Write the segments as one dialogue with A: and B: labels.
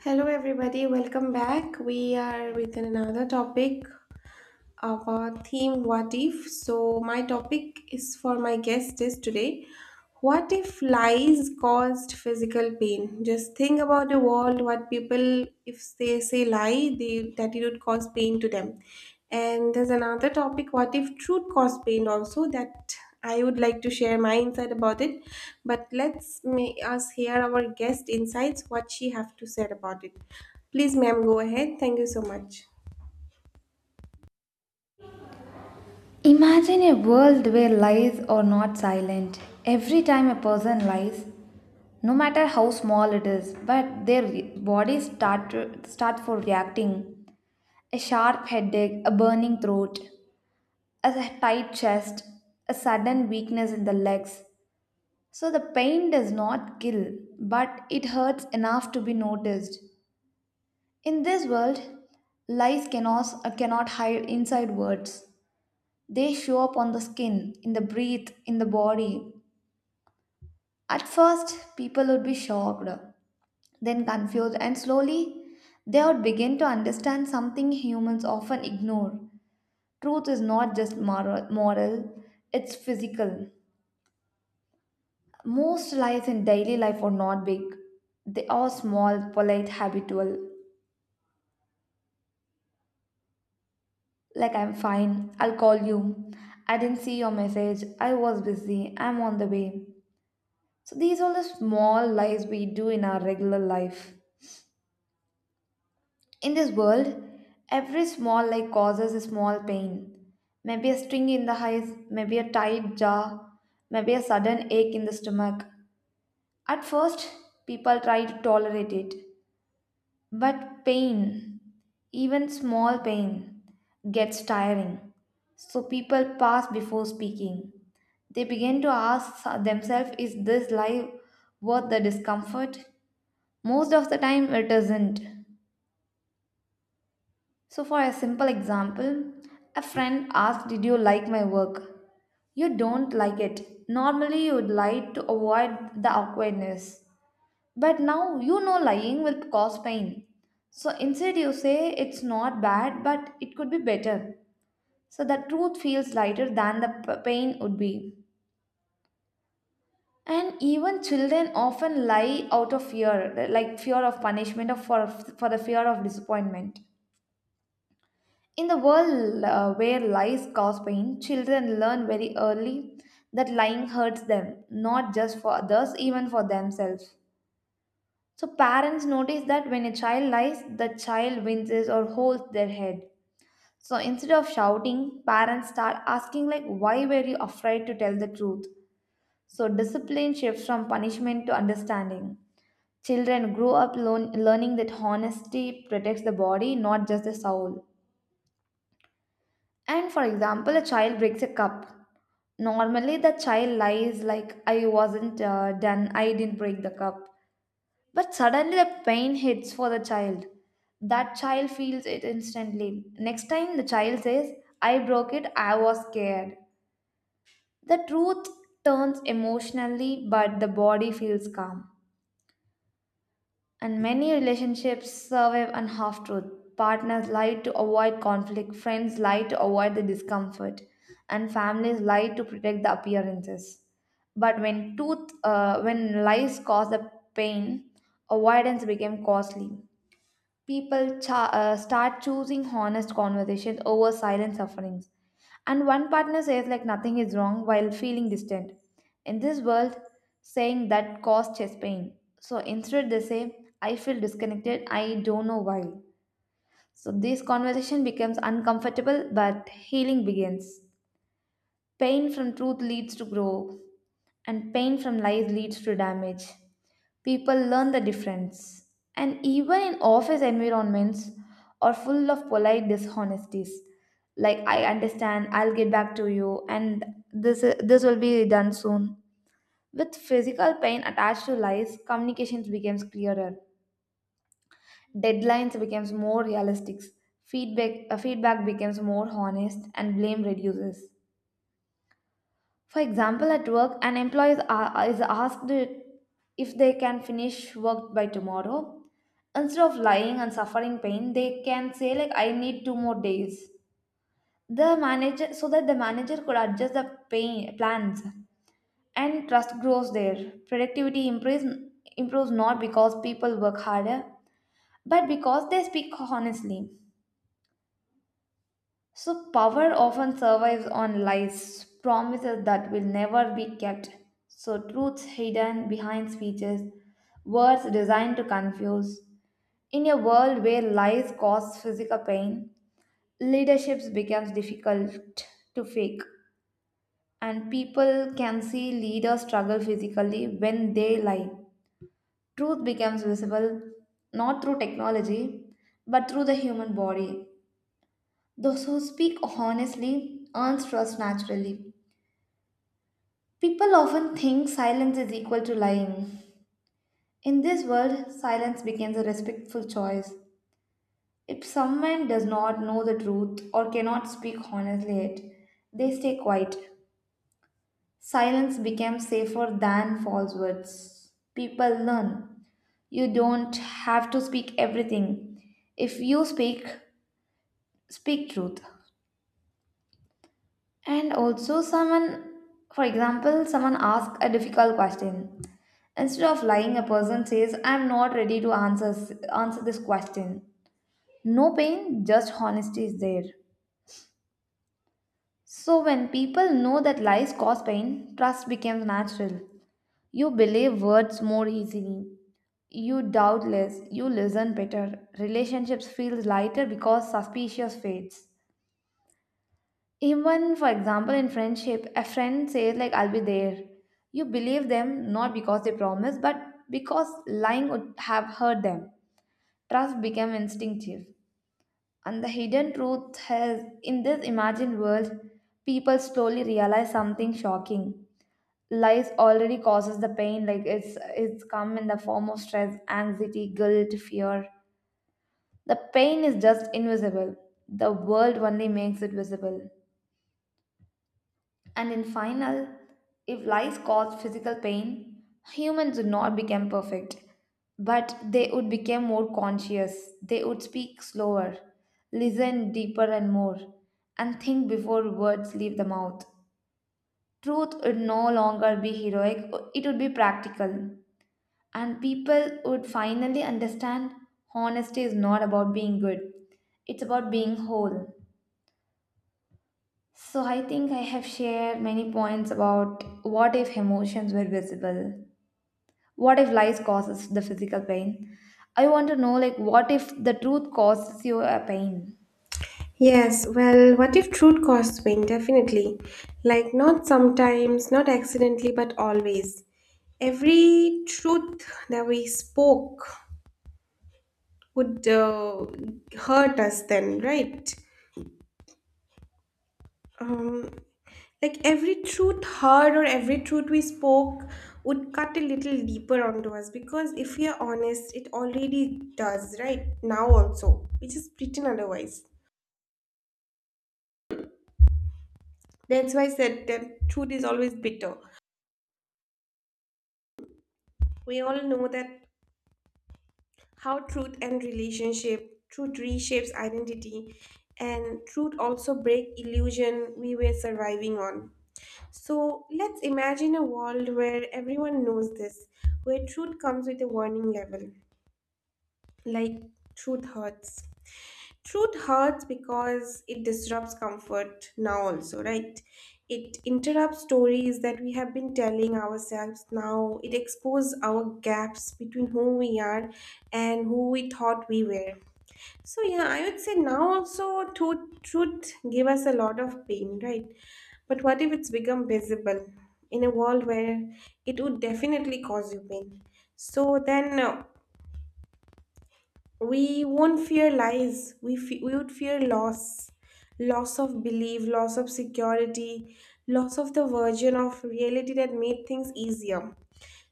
A: Hello, everybody, welcome back. We are with another topic our theme what if so my topic is for my guest is today what if lies caused physical pain just think about the world what people if they say lie they that it would cause pain to them, and there's another topic what if truth caused pain also that I would like to share my insight about it, but let's may us hear our guest insights what she have to say about it. Please ma'am go ahead, thank you so much.
B: Imagine a world where lies are not silent. Every time a person lies, no matter how small it is, but bodies start for reacting. A sharp headache, a burning throat, a tight chest, a sudden weakness in the legs. So the pain does not kill, but it hurts enough to be noticed. In this world, lies cannot hide inside words. They show up on the skin, in the breath, in the body. At first, people would be shocked, then confused, and slowly they would begin to understand something humans often ignore. Truth is not just moral, it's physical. Most lies in daily life are not big, they are small, polite, habitual. Like, I'm fine. I'll call you. I didn't see your message. I was busy. I'm on the way. So, these are the small lies we do in our regular life. In this world, every small lie causes a small pain. Maybe a sting in the eyes, maybe a tight jaw, maybe a sudden ache in the stomach. At first, people try to tolerate it. But pain, even small pain, gets tiring. So people pass before speaking. They begin to ask themselves, is this life worth the discomfort? Most of the time, it isn't. So, for a simple example, a friend asked, did you like my work? You don't like it. Normally, you would like to avoid the awkwardness. But now you know lying will cause pain. So instead, you say it's not bad, but it could be better. So the truth feels lighter than the pain would be. And even children often lie out of fear, like fear of punishment for the fear of disappointment. In the world where lies cause pain, children learn very early that lying hurts them, not just for others, even for themselves. So parents notice that when a child lies, the child winces or holds their head. So instead of shouting, parents start asking like why were you afraid to tell the truth? So discipline shifts from punishment to understanding. Children grow up learning that honesty protects the body, not just the soul. And for example, a child breaks a cup. Normally, the child lies like, I wasn't done, I didn't break the cup. But suddenly the pain hits for the child. That child feels it instantly. Next time the child says, I broke it, I was scared. The truth turns emotionally, but the body feels calm. And many relationships survive on half truth. Partners lie to avoid conflict, friends lie to avoid the discomfort, and families lie to protect the appearances. But when lies cause the pain, avoidance became costly. People start choosing honest conversations over silent sufferings. And one partner says like nothing is wrong while feeling distant. In this world, saying that caused chest pain. So instead they say, I feel disconnected, I don't know why. So this conversation becomes uncomfortable but healing begins. Pain from truth leads to growth and pain from lies leads to damage. People learn the difference. And even in office environments are full of polite dishonesties. Like I understand, I'll get back to you and this will be done soon. With physical pain attached to lies, communications becomes clearer. Deadlines becomes more realistic. Feedback becomes more honest and blame reduces. For example, at work, an employee is asked if they can finish work by tomorrow. Instead of lying and suffering pain, they can say like, "I need two more days." The manager, so that the manager could adjust the pain plans, and trust grows there. Productivity improves improves not because people work harder, but because they speak honestly. So, power often survives on lies, promises that will never be kept. So, truths hidden behind speeches, words designed to confuse. In a world where lies cause physical pain, leadership becomes difficult to fake, and people can see leaders struggle physically when they lie. Truth becomes visible not through technology but through the human body. Those who speak honestly earn trust naturally. People often think silence is equal to lying. In this world, silence becomes a respectful choice. If someone does not know the truth or cannot speak honestly it, they stay quiet. Silence becomes safer than false words. People learn. You don't have to speak everything. If you speak, speak truth. And also, someone, for example, someone asks a difficult question. Instead of lying, a person says, I'm not ready to answer this question. No pain, just honesty is there. So, when people know that lies cause pain, trust becomes natural. You believe words more easily. You doubt less. You listen better. Relationships feel lighter because suspicious fades. Even for example, in friendship, a friend says like I'll be there. You believe them not because they promise, but because lying would have hurt them. Trust became instinctive. And the hidden truth is in this imagined world, people slowly realize something shocking. Lies already causes the pain, like it's come in the form of stress, anxiety, guilt, fear. The pain is just invisible. The world only makes it visible. And in final, if lies cause physical pain, humans would not become perfect, but they would become more conscious. They would speak slower, listen deeper and more, and think before words leave the mouth. Truth would no longer be heroic, it would be practical. And people would finally understand honesty is not about being good, it's about being whole. So, I think I have shared many points about what if emotions were visible? What if lies causes the physical pain? I want to know, like, what if the truth causes you a pain?
A: Yes, well, what if truth costs win? Definitely. Like, not sometimes, not accidentally, but always. Every truth that we spoke would hurt us then, right? Um, like, every truth heard or every truth we spoke would cut a little deeper onto us because if we are honest, it already does, right? Now also. Which is pretend otherwise. That's why I said that truth is always bitter. We all know that how truth and relationship, truth reshapes identity, and truth also break illusion we were surviving on. So let's imagine a world where everyone knows this, where truth comes with a warning level, like truth hurts. Truth hurts because it disrupts comfort now, also, right? It interrupts stories that we have been telling ourselves now. It exposes our gaps between who we are and who we thought we were. So yeah, I would say now also truth give us a lot of pain, right? But what if it's become visible in a world where it would definitely cause you pain? So then we won't fear lies. We would fear loss, loss of belief, loss of security, loss of the version of reality that made things easier.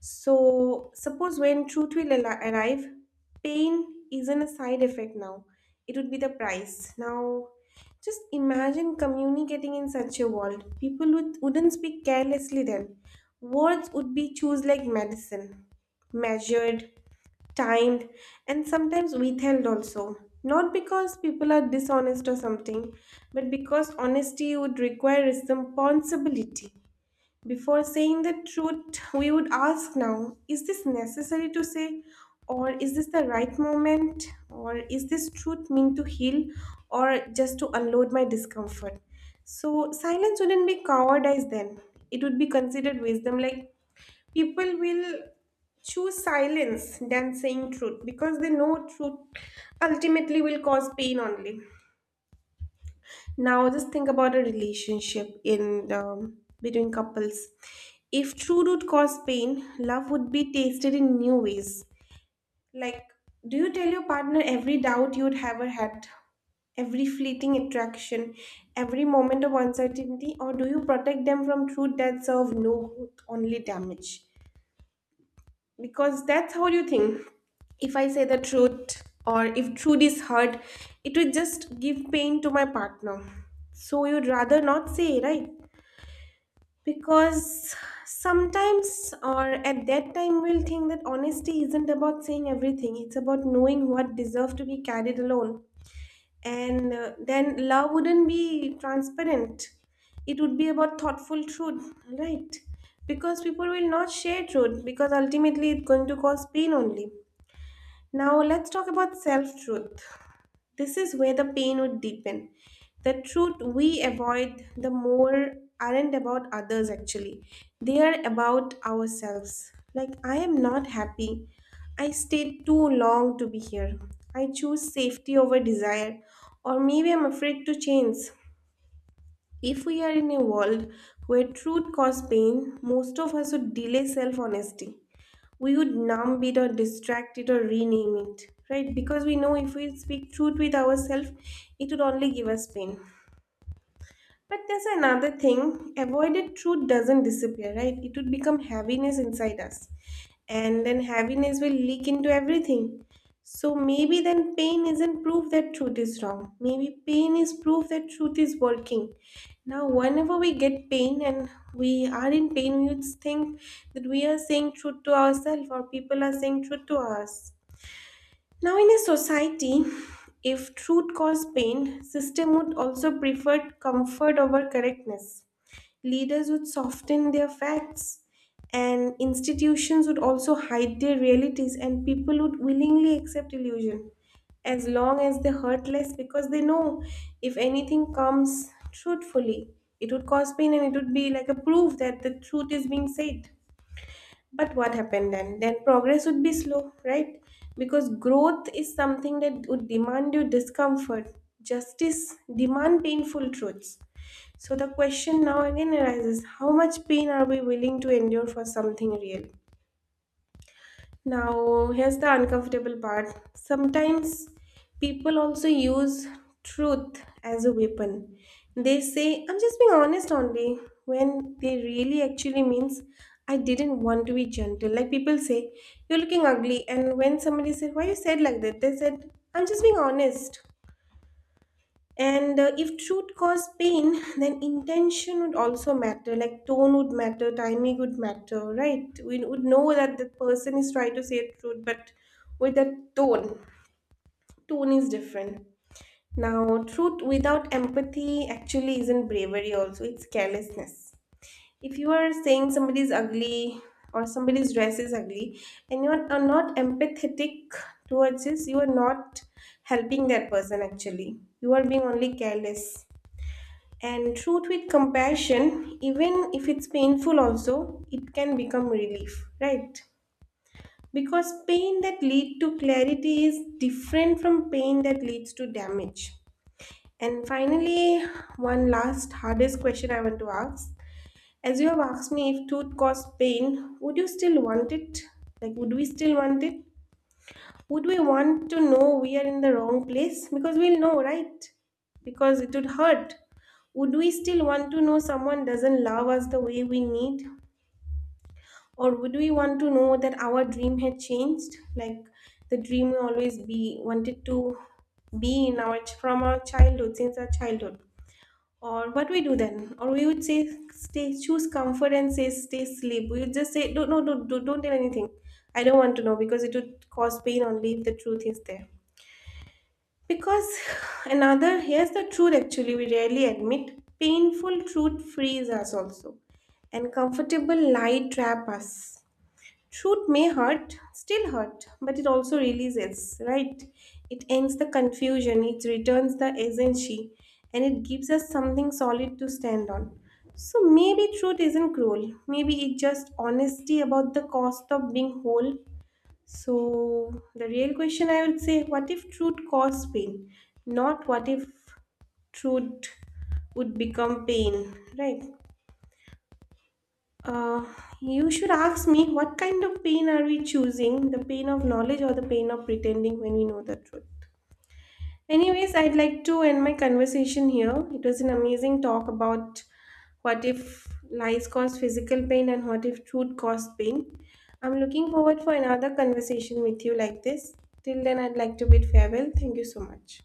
A: So, suppose when arrive, pain isn't a side effect now, it would be the price. Now, just imagine communicating in such a world. People would, wouldn't speak carelessly then. Words would be choose like medicine, measured, timed, and sometimes withheld also. Not because people are dishonest or something, but because honesty would require responsibility. Before saying the truth, we would ask now is this necessary to say, or is this the right moment, or is this truth meant to heal, or just to unload my discomfort? So, silence wouldn't be cowardice then, it would be considered wisdom. Like, people will choose silence than saying truth because they know truth ultimately will cause pain only. Now, just think about a relationship in between couples. If true root caused pain, love would be tasted in new ways. Like, do you tell your partner every doubt you'd ever had, every fleeting attraction, every moment of uncertainty, or do you protect them from truth that serve no good, only damage? Because that's how you think, if I say the truth or if truth is hurt it would just give pain to my partner, so you'd rather not say, right? Because sometimes or at that time we'll think that honesty isn't about saying everything, it's about knowing what deserves to be carried alone. And then love wouldn't be transparent, it would be about thoughtful truth, right? Because people will not share truth because ultimately it's going to cause pain only. Now, let's talk about self truth. This is where the pain would deepen. The truth we avoid, the more aren't about others actually, they are about ourselves. Like, I am not happy. I stayed too long to be here. I choose safety over desire, or maybe I'm afraid to change. If we are in a world where truth causes pain, most of us would delay self honesty, we would numb it or distract it or rename it, right? Because we know if we speak truth with ourselves, it would only give us pain. But there's another thing, avoided truth doesn't disappear, right? It would become heaviness inside us. And then heaviness will leak into everything. So maybe then pain isn't proof that truth is wrong. Maybe pain is proof that truth is working. Now, whenever we get pain and we are in pain, we would think that we are saying truth to ourselves or people are saying truth to us. Now, in a society, if truth caused pain, system would also prefer comfort over correctness. Leaders would soften their facts, and institutions would also hide their realities, and people would willingly accept illusion as long as they hurt less because they know if anything comes truthfully, it would cause pain and it would be like a proof that the truth is being said. But what happened then? Then progress would be slow, right? Because growth is something that would demand you discomfort. Justice demand painful truths. So the question now again arises, how much pain are we willing to endure for something real? Now, here's the uncomfortable part. Sometimes people also use truth as a weapon. They say, "I'm just being honest only," when they really actually means, I didn't want to be gentle. Like people say, "You're looking ugly." And when somebody said, "Why you said like that?" They said, "I'm just being honest." And if truth caused pain, then intention would also matter. Like tone would matter, timing would matter, right? We would know that the person is trying to say truth, but with that tone, tone is different. Now, truth without empathy actually isn't bravery, also, it's carelessness. If you are saying somebody is ugly or somebody's dress is ugly and you are not empathetic towards this, you are not helping that person actually. You are being only careless, and truth with compassion, even if it's painful also, it can become relief, right? Because pain that lead to clarity is different from pain that leads to damage. And finally, one last hardest question I want to ask. As you have asked me, if truth caused pain, would you still want it? Like, would we still want it? Would we want to know we are in the wrong place? Because we'll know, right? Because it would hurt. Would we still want to know someone doesn't love us the way we need? Or would we want to know that our dream had changed? Like the dream we always be wanted to be in our from our childhood, since our childhood. Or what we do then? Or we would say stay choose comfort and say stay sleep. We would just say don't no don't, don't tell anything. I don't want to know because it would cause pain only if the truth is there. Because another, here's the truth actually, we rarely admit painful truth frees us also, and comfortable lie trap us. Truth may hurt, still hurt, but it also releases, right? It ends the confusion, it returns the agency, and it gives us something solid to stand on. So maybe truth isn't cruel, maybe it's just honesty about the cost of being whole. So, the real question I would say, what if truth caused pain? Not what if truth would become pain, right? Uh, you should ask me what kind of pain are we choosing, the pain of knowledge or the pain of pretending when we know the truth? Anyways, I'd like to end my conversation here. It was an amazing talk about what if lies cause physical pain and what if truth caused pain. I'm looking forward for another conversation with you like this. Till then, I'd like to bid farewell. Thank you so much.